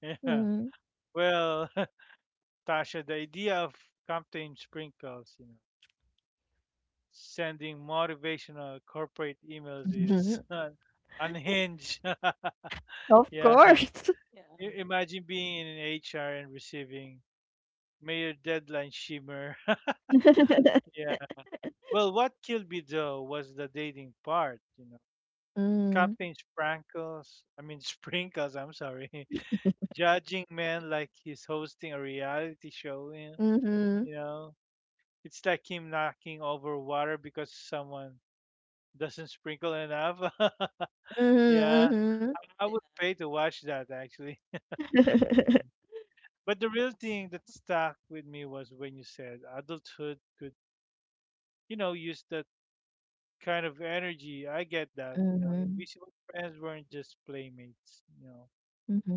S1: yeah.
S3: Mm.
S1: Well, Tasha, the idea of Captain Sprinkles, sending motivational corporate emails is unhinged.
S3: Of
S1: Yeah.
S3: course.
S2: Yeah.
S1: Imagine being in an HR and receiving "May your deadline shimmer." Yeah. Well, what killed me though was the dating part.
S3: Mm.
S1: Captain Sprinkles, I mean Sprinkles, I'm sorry. Judging man like he's hosting a reality show.
S3: Mm-hmm.
S1: you know. It's like him knocking over water because someone doesn't sprinkle enough. Yeah,
S3: Mm-hmm.
S1: I
S2: Yeah.
S1: would pay to watch that actually.
S3: Mm-hmm.
S1: Mm. But the
S2: Yeah.
S1: real thing that stuck with me was when you said adulthood could, use the kind of energy. I get that.
S3: Mm-hmm.
S1: Invisible friends weren't just playmates.
S3: Mhm,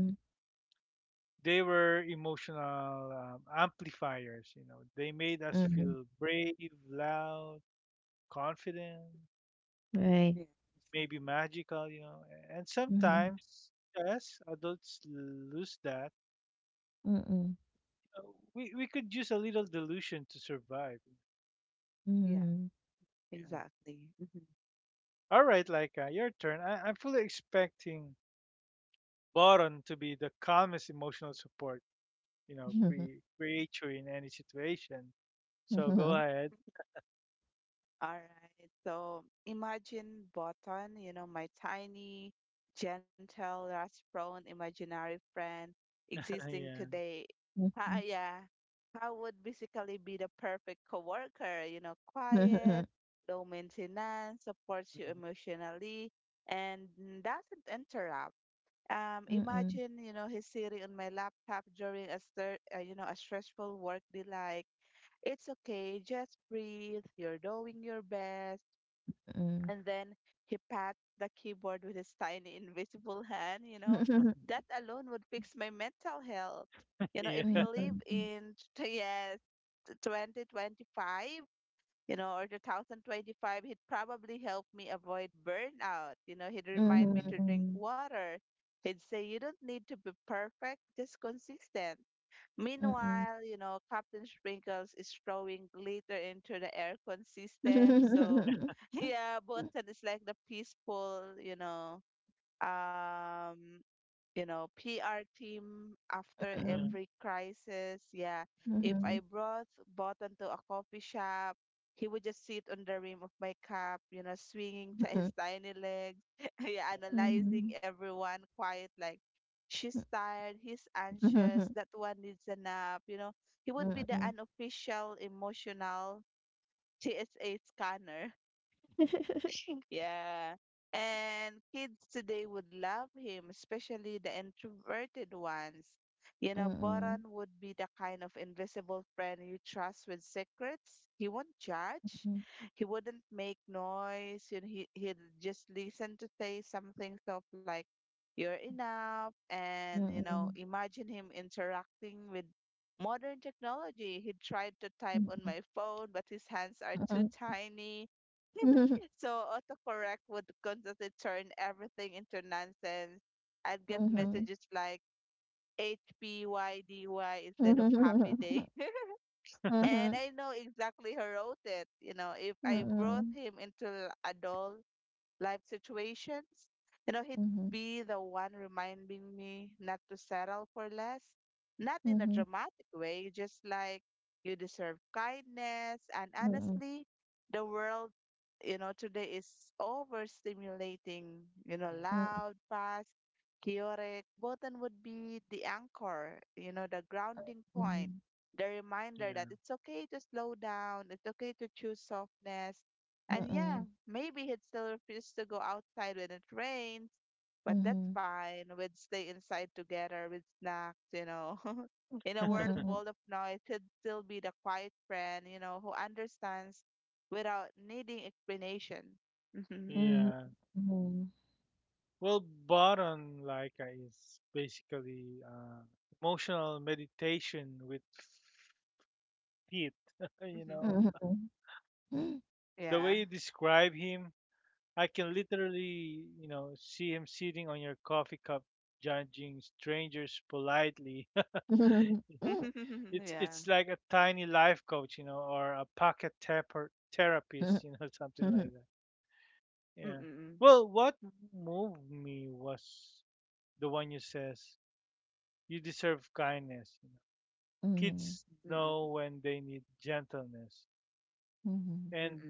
S1: They were emotional amplifiers. They made us
S3: mhm,
S1: feel brave, loud, confident,
S3: right.
S2: Yeah.
S1: maybe magical. And
S3: Mhm,
S1: sometimes us adults lose that.
S3: mm, mhm.
S1: Uh, we could use a little delusion to survive.
S2: Yeah.
S3: Mhm,
S1: Yeah.
S2: Exactly. Mm-hmm.
S1: All right, Laika, your turn. I'm fully expecting Boron to be the calmest emotional support create you in any situation.
S3: mhm,
S1: So go
S3: mhm,
S1: ahead.
S2: All right. So imagine Botan, you know, my tiny, gentle, rust prone imaginary friend existing
S1: Yeah.
S2: today.
S3: mm, mm.
S2: Ah, yeah. I would basically be the perfect coworker, you know, quiet, low maintenance, supports you
S1: Mhm.
S2: emotionally, and doesn't interrupt.
S3: Mhm, mm, mhm,
S2: Imagine, you know, he's sitting on my laptop during a, you know, a stressful work day, like it's okay, just breathe. You're doing your best. And then he pat the keyboard with his tiny invisible hand, you know. That alone would fix my mental health. You know, if
S3: mm,
S2: he
S1: Yeah.
S2: live
S3: mm.
S2: in yes, 2025, you know, or 2025, he'd probably help me avoid burnout. You know, he'd remind
S3: Mm,
S2: me to
S1: Mhm.
S2: drink
S3: mhm,
S2: water. He'd say, you don't need to be perfect, just consistent. Meanwhile, you know, Captain Sprinkles is throwing glitter into the aircon system. So, yeah, Botan is like the peaceful, um, you know, PR team after
S1: Uh-huh.
S2: every crisis. Yeah.
S3: mhm, mhm. Mm,
S2: If
S3: mm, mhm,
S2: I brought Button to a coffee shop, he would just sit on the rim of my cup, you know, swinging
S3: mm, mm.
S2: his tiny legs, yeah, analyzing
S3: Mhm,
S2: everyone quiet, like, she's tired, he's
S3: mhm, mhm, mhm,
S2: anxious, that one needs a nap, you know. He would be the unofficial emotional TSA scanner. Yeah. And kids today would love him, especially the introverted ones. You know, Boron would be the kind of invisible friend you trust with secrets. He won't judge. He wouldn't make noise. You know, he'd just listen to say something of like, you're enough. And, you know, imagine him interacting with modern technology. He tried to type on my phone, but his hands are too tiny.
S3: mhm,
S2: So autocorrect would constantly turn everything into nonsense. I'd get messages like HPYDY instead of happy day. And I know exactly who wrote it. You know, if I brought him into adult life situations. You know, he'd
S3: mhm, mhm.
S2: be the one reminding me not to settle for less, not in a
S3: Mhm.
S2: dramatic way, just like you deserve kindness. And honestly, the world, you know, today is overstimulating, you know,
S1: Yeah. Mm-hmm.
S2: loud, fast, chaotic. Botan would be the anchor, you know, the grounding point, the reminder that
S1: Yeah.
S2: it's okay to slow down, it's okay to choose softness. And yeah, maybe he'd still refuse to go outside when it rains, but that's fine. We'd stay inside together with snacks, you know. In a world full of noise, he'd still be the quiet friend, you know, who understands without needing explanation. Mhm.
S1: Yeah. Well, Bharan Laika is basically emotional meditation with feet. you know,
S2: Mhm.
S1: the way
S2: Yeah.
S1: you describe him, I can literally, see him sitting on your coffee cup, judging strangers politely. It's
S2: Yeah.
S1: it's like a tiny life coach, or a pocket taper therapist, something like that. Yeah.
S2: Mm-mm.
S1: Well, what moved me was the one you says "you deserve kindness." You know? Kids
S2: Mm-mm.
S1: know when they need gentleness, and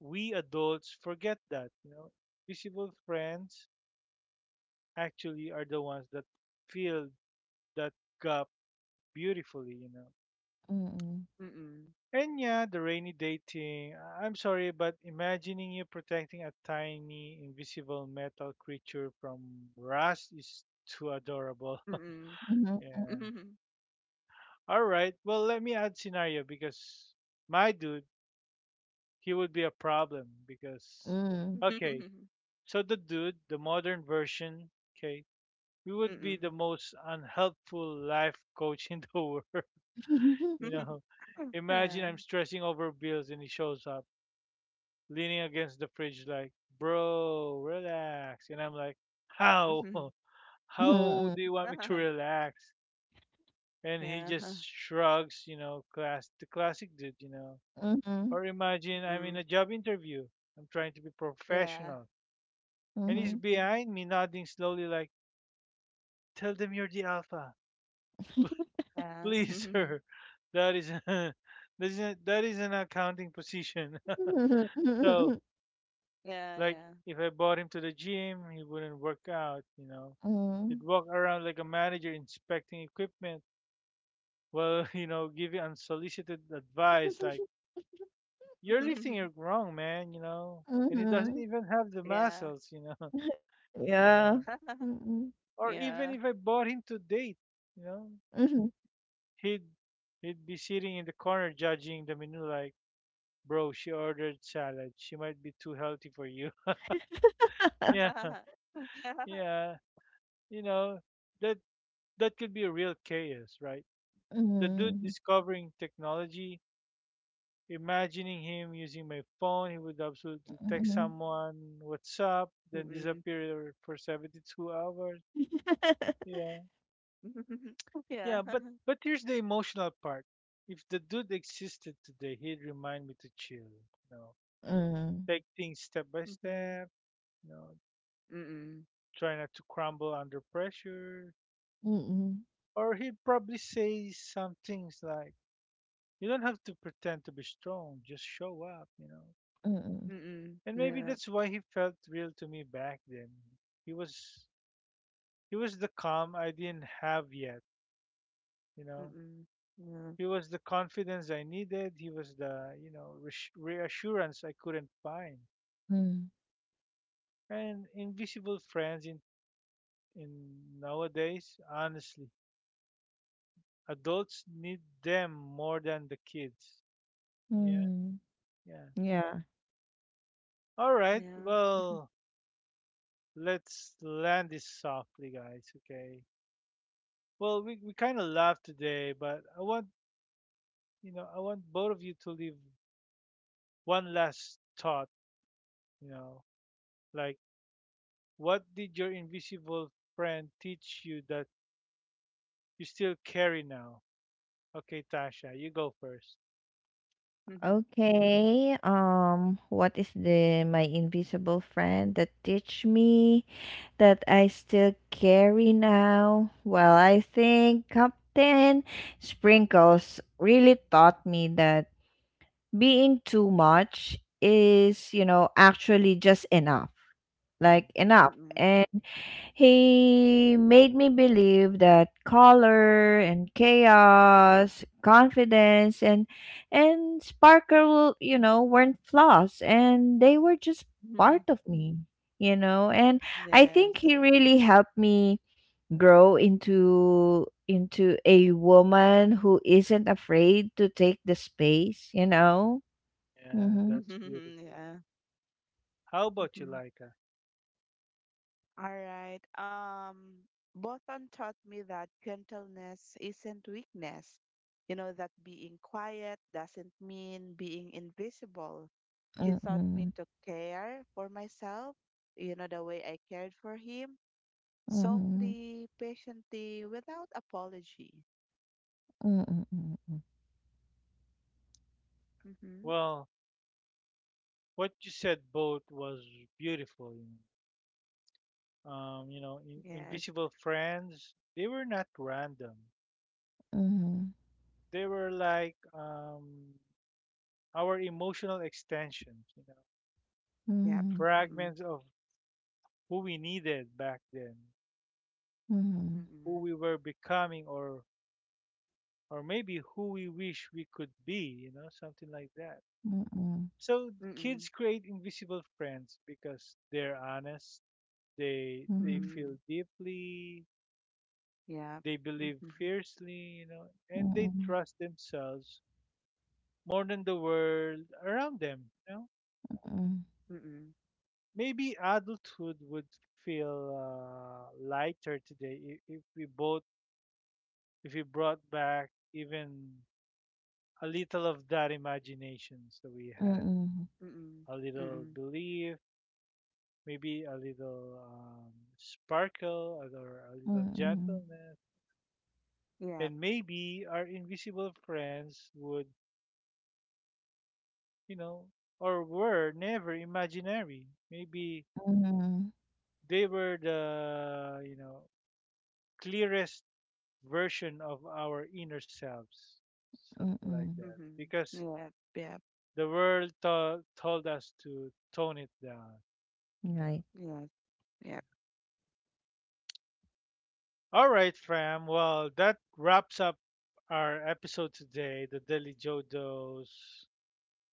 S1: we adults forget that. Visible friends actually are the ones that fill that gap beautifully. You know,
S2: Mm-mm.
S1: And yeah, the rainy day thing. I'm sorry, but imagining you protecting a tiny invisible metal creature from rust is too adorable.
S2: Mm-mm.
S1: Yeah.
S2: Mm-mm.
S1: All right. Well, let me add scenario because my dude, he would be a problem because okay.
S2: Mm-mm.
S1: So the dude, the modern version, okay, we would be the
S2: Mm-mm.
S1: most unhelpful life coach in the world, you know. Imagine
S2: Yeah.
S1: I'm stressing over bills and he shows up leaning against the fridge, like, bro, relax. And I'm like, how? How do you want me to relax? And he
S2: Yeah.
S1: just shrugs, you know, class the classic dude, you know. Or imagine I'm in a
S2: Mm.
S1: job interview. I'm trying to be
S2: Yeah.
S1: professional. And he's behind me nodding slowly like, tell them you're the alpha.
S2: Yeah.
S1: Please, sir. That is that is an accounting position. so like
S2: Yeah,
S1: if I brought him to the gym, he wouldn't work out, you know. He'd walk around like a manager inspecting equipment while, you know, giving unsolicited advice like, you're
S2: yeah.
S1: lifting it wrong, man, you know. And he doesn't even have the
S2: Yeah.
S1: muscles, you know. Yeah. Or
S2: Yeah.
S1: even if I bought him to date, you know, he'd he'd be sitting in the corner judging the menu like, bro, she ordered salad. She might be too healthy for you. Yeah,
S2: Yeah.
S1: yeah. You know, that that could be a real chaos, right? The dude discovering technology imagining him using my phone. He would absolutely text someone, "What's up?" then
S2: Mm-mm.
S1: disappear for 72 hours. Yeah.
S2: Yeah.
S1: Yeah, but but here's the emotional part. If the dude existed today, he'd remind me to chill, you know, take things step by
S2: Mm-mm.
S1: step, you know,
S2: Mm-mm.
S1: try not to crumble under pressure.
S3: Mm,
S1: Or he'd probably say some things like, "You don't have to pretend to be strong, just show up," you know.
S3: mm,
S2: Mm-mm.
S1: And maybe
S2: Yeah.
S1: that's why he felt real to me back then he was He was the calm I didn't have yet, you know.
S2: Mm-mm. Yeah.
S1: He was the confidence I needed. He was the, you know, reassurance I couldn't find.
S3: mm,
S1: And invisible friends in nowadays, honestly, adults need them more than the kids. Yeah,
S3: mm.
S1: yeah.
S3: Yeah.
S1: All right.
S2: Yeah.
S1: Well, let's land this softly, guys. Okay. Well, we kind of laughed today, but I want, you know, I want both of you to leave one last thought, you know, like what did your invisible friend teach you that you still carry now? Okay, Tasha, you go first.
S3: Okay. What is the my invisible friend that teach me that I still carry now? Well, I think Captain Sprinkles really taught me that being too much is, you know, actually just enough.
S1: Mm,
S3: And he made me believe that color and chaos, confidence and sparkle, you know, weren't flaws, and they were just
S2: Mm-mm.
S3: part of me, you know. And I think
S2: Yes.
S3: he really helped me grow into a woman who isn't afraid to take the space, you know.
S1: yeah,
S3: Mhm.
S1: that's beautiful. How about you,
S2: Yeah.
S1: Laika?
S2: All right. Bothon taught me that gentleness isn't weakness. You know, that being quiet doesn't mean being invisible. He taught me
S3: Mm-mm.
S2: to care for myself, you know, the way I cared for him,
S3: Mhm.
S2: softly, patiently, without apology.
S3: Mm-mm.
S2: Mm-hmm.
S1: Well, what you said both was beautiful. You know,
S2: Yes.
S1: invisible friends. They were not random.
S3: Mm-mm.
S1: They were like our emotional extensions. You know,
S2: Yep.
S3: Mhm,
S2: Mm-mm.
S1: fragments of who we needed back then,
S3: mhm,
S1: who
S2: Mm-mm.
S1: we were becoming, or maybe who we wish we could be, you know, something like that.
S3: mm, mm-mm,
S1: So kids
S2: Mm-mm.
S1: create invisible friends because they're honest, they
S3: mhm,
S1: they
S2: Mm-mm.
S1: feel deeply,
S2: Yep.
S1: they believe
S2: Mm-hmm.
S1: fiercely, you know, and they
S3: mm,
S1: trust themselves more than the world around them, you know.
S3: mm,
S2: Mm-mm.
S1: Maybe adulthood would feel lighter today if we both if we brought back even a little of that imagination so we had
S3: mm,
S2: Mm-mm.
S1: a little
S2: Mm-mm.
S1: belief maybe a little sparkle or a little
S3: mm,
S1: gentleness,
S2: Yep.
S1: and maybe our invisible friends would, you know, or were never imaginary. Maybe they were the, you know, clearest version of our inner selves,
S3: mhm,
S1: something like
S3: mm,
S1: that,
S2: Mm-hmm.
S1: because
S2: Yep. Yep.
S1: the world told us to tone it down. You know,
S3: right.
S2: Yes. Yep.
S1: all right, fam. Well, that wraps up our episode today, the Daily Jodos,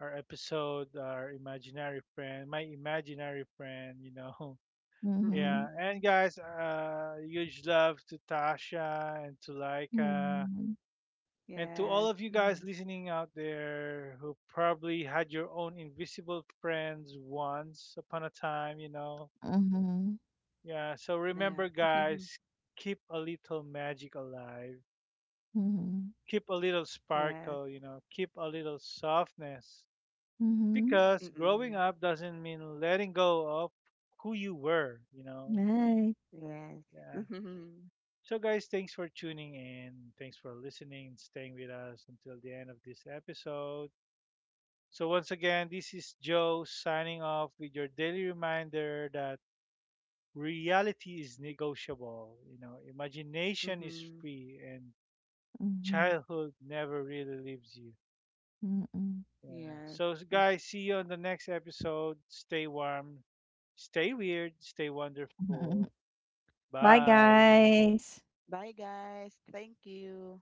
S1: our episode, our imaginary friend, my imaginary friend, you know. Yeah,
S3: Mhm,
S2: Mm-mm.
S1: and guys, huge love to Tasha and to Laika
S3: mhm,
S1: and to all
S2: Yes.
S1: of you guys listening out there who probably had your own invisible friends once upon a time, you know.
S3: mhm,
S1: Yeah, so
S2: Yep.
S1: remember, guys, keep a little magic alive
S3: mhm,
S1: keep a little
S2: Yes.
S1: sparkle, you know, keep a little softness.
S3: mhm,
S1: Because growing
S2: Mm-mm.
S1: up doesn't mean letting go of who you were, you know.
S3: right.
S2: Yes.
S1: Yeah. So, guys, thanks for tuning in. Thanks for listening, and staying with us until the end of this episode. So, once again, this is Joe signing off with your daily reminder that reality is negotiable, you know, imagination is
S2: Mm-hmm.
S1: free, and
S3: Mhm,
S1: childhood never really leaves you.
S3: mm.
S1: Yeah.
S2: Yes.
S1: So,
S2: Mm.
S1: guys, see you on the next episode. Stay warm, stay weird, stay wonderful.
S3: Bye,
S1: Bye.
S3: guys.
S2: Bye, guys. Thank you.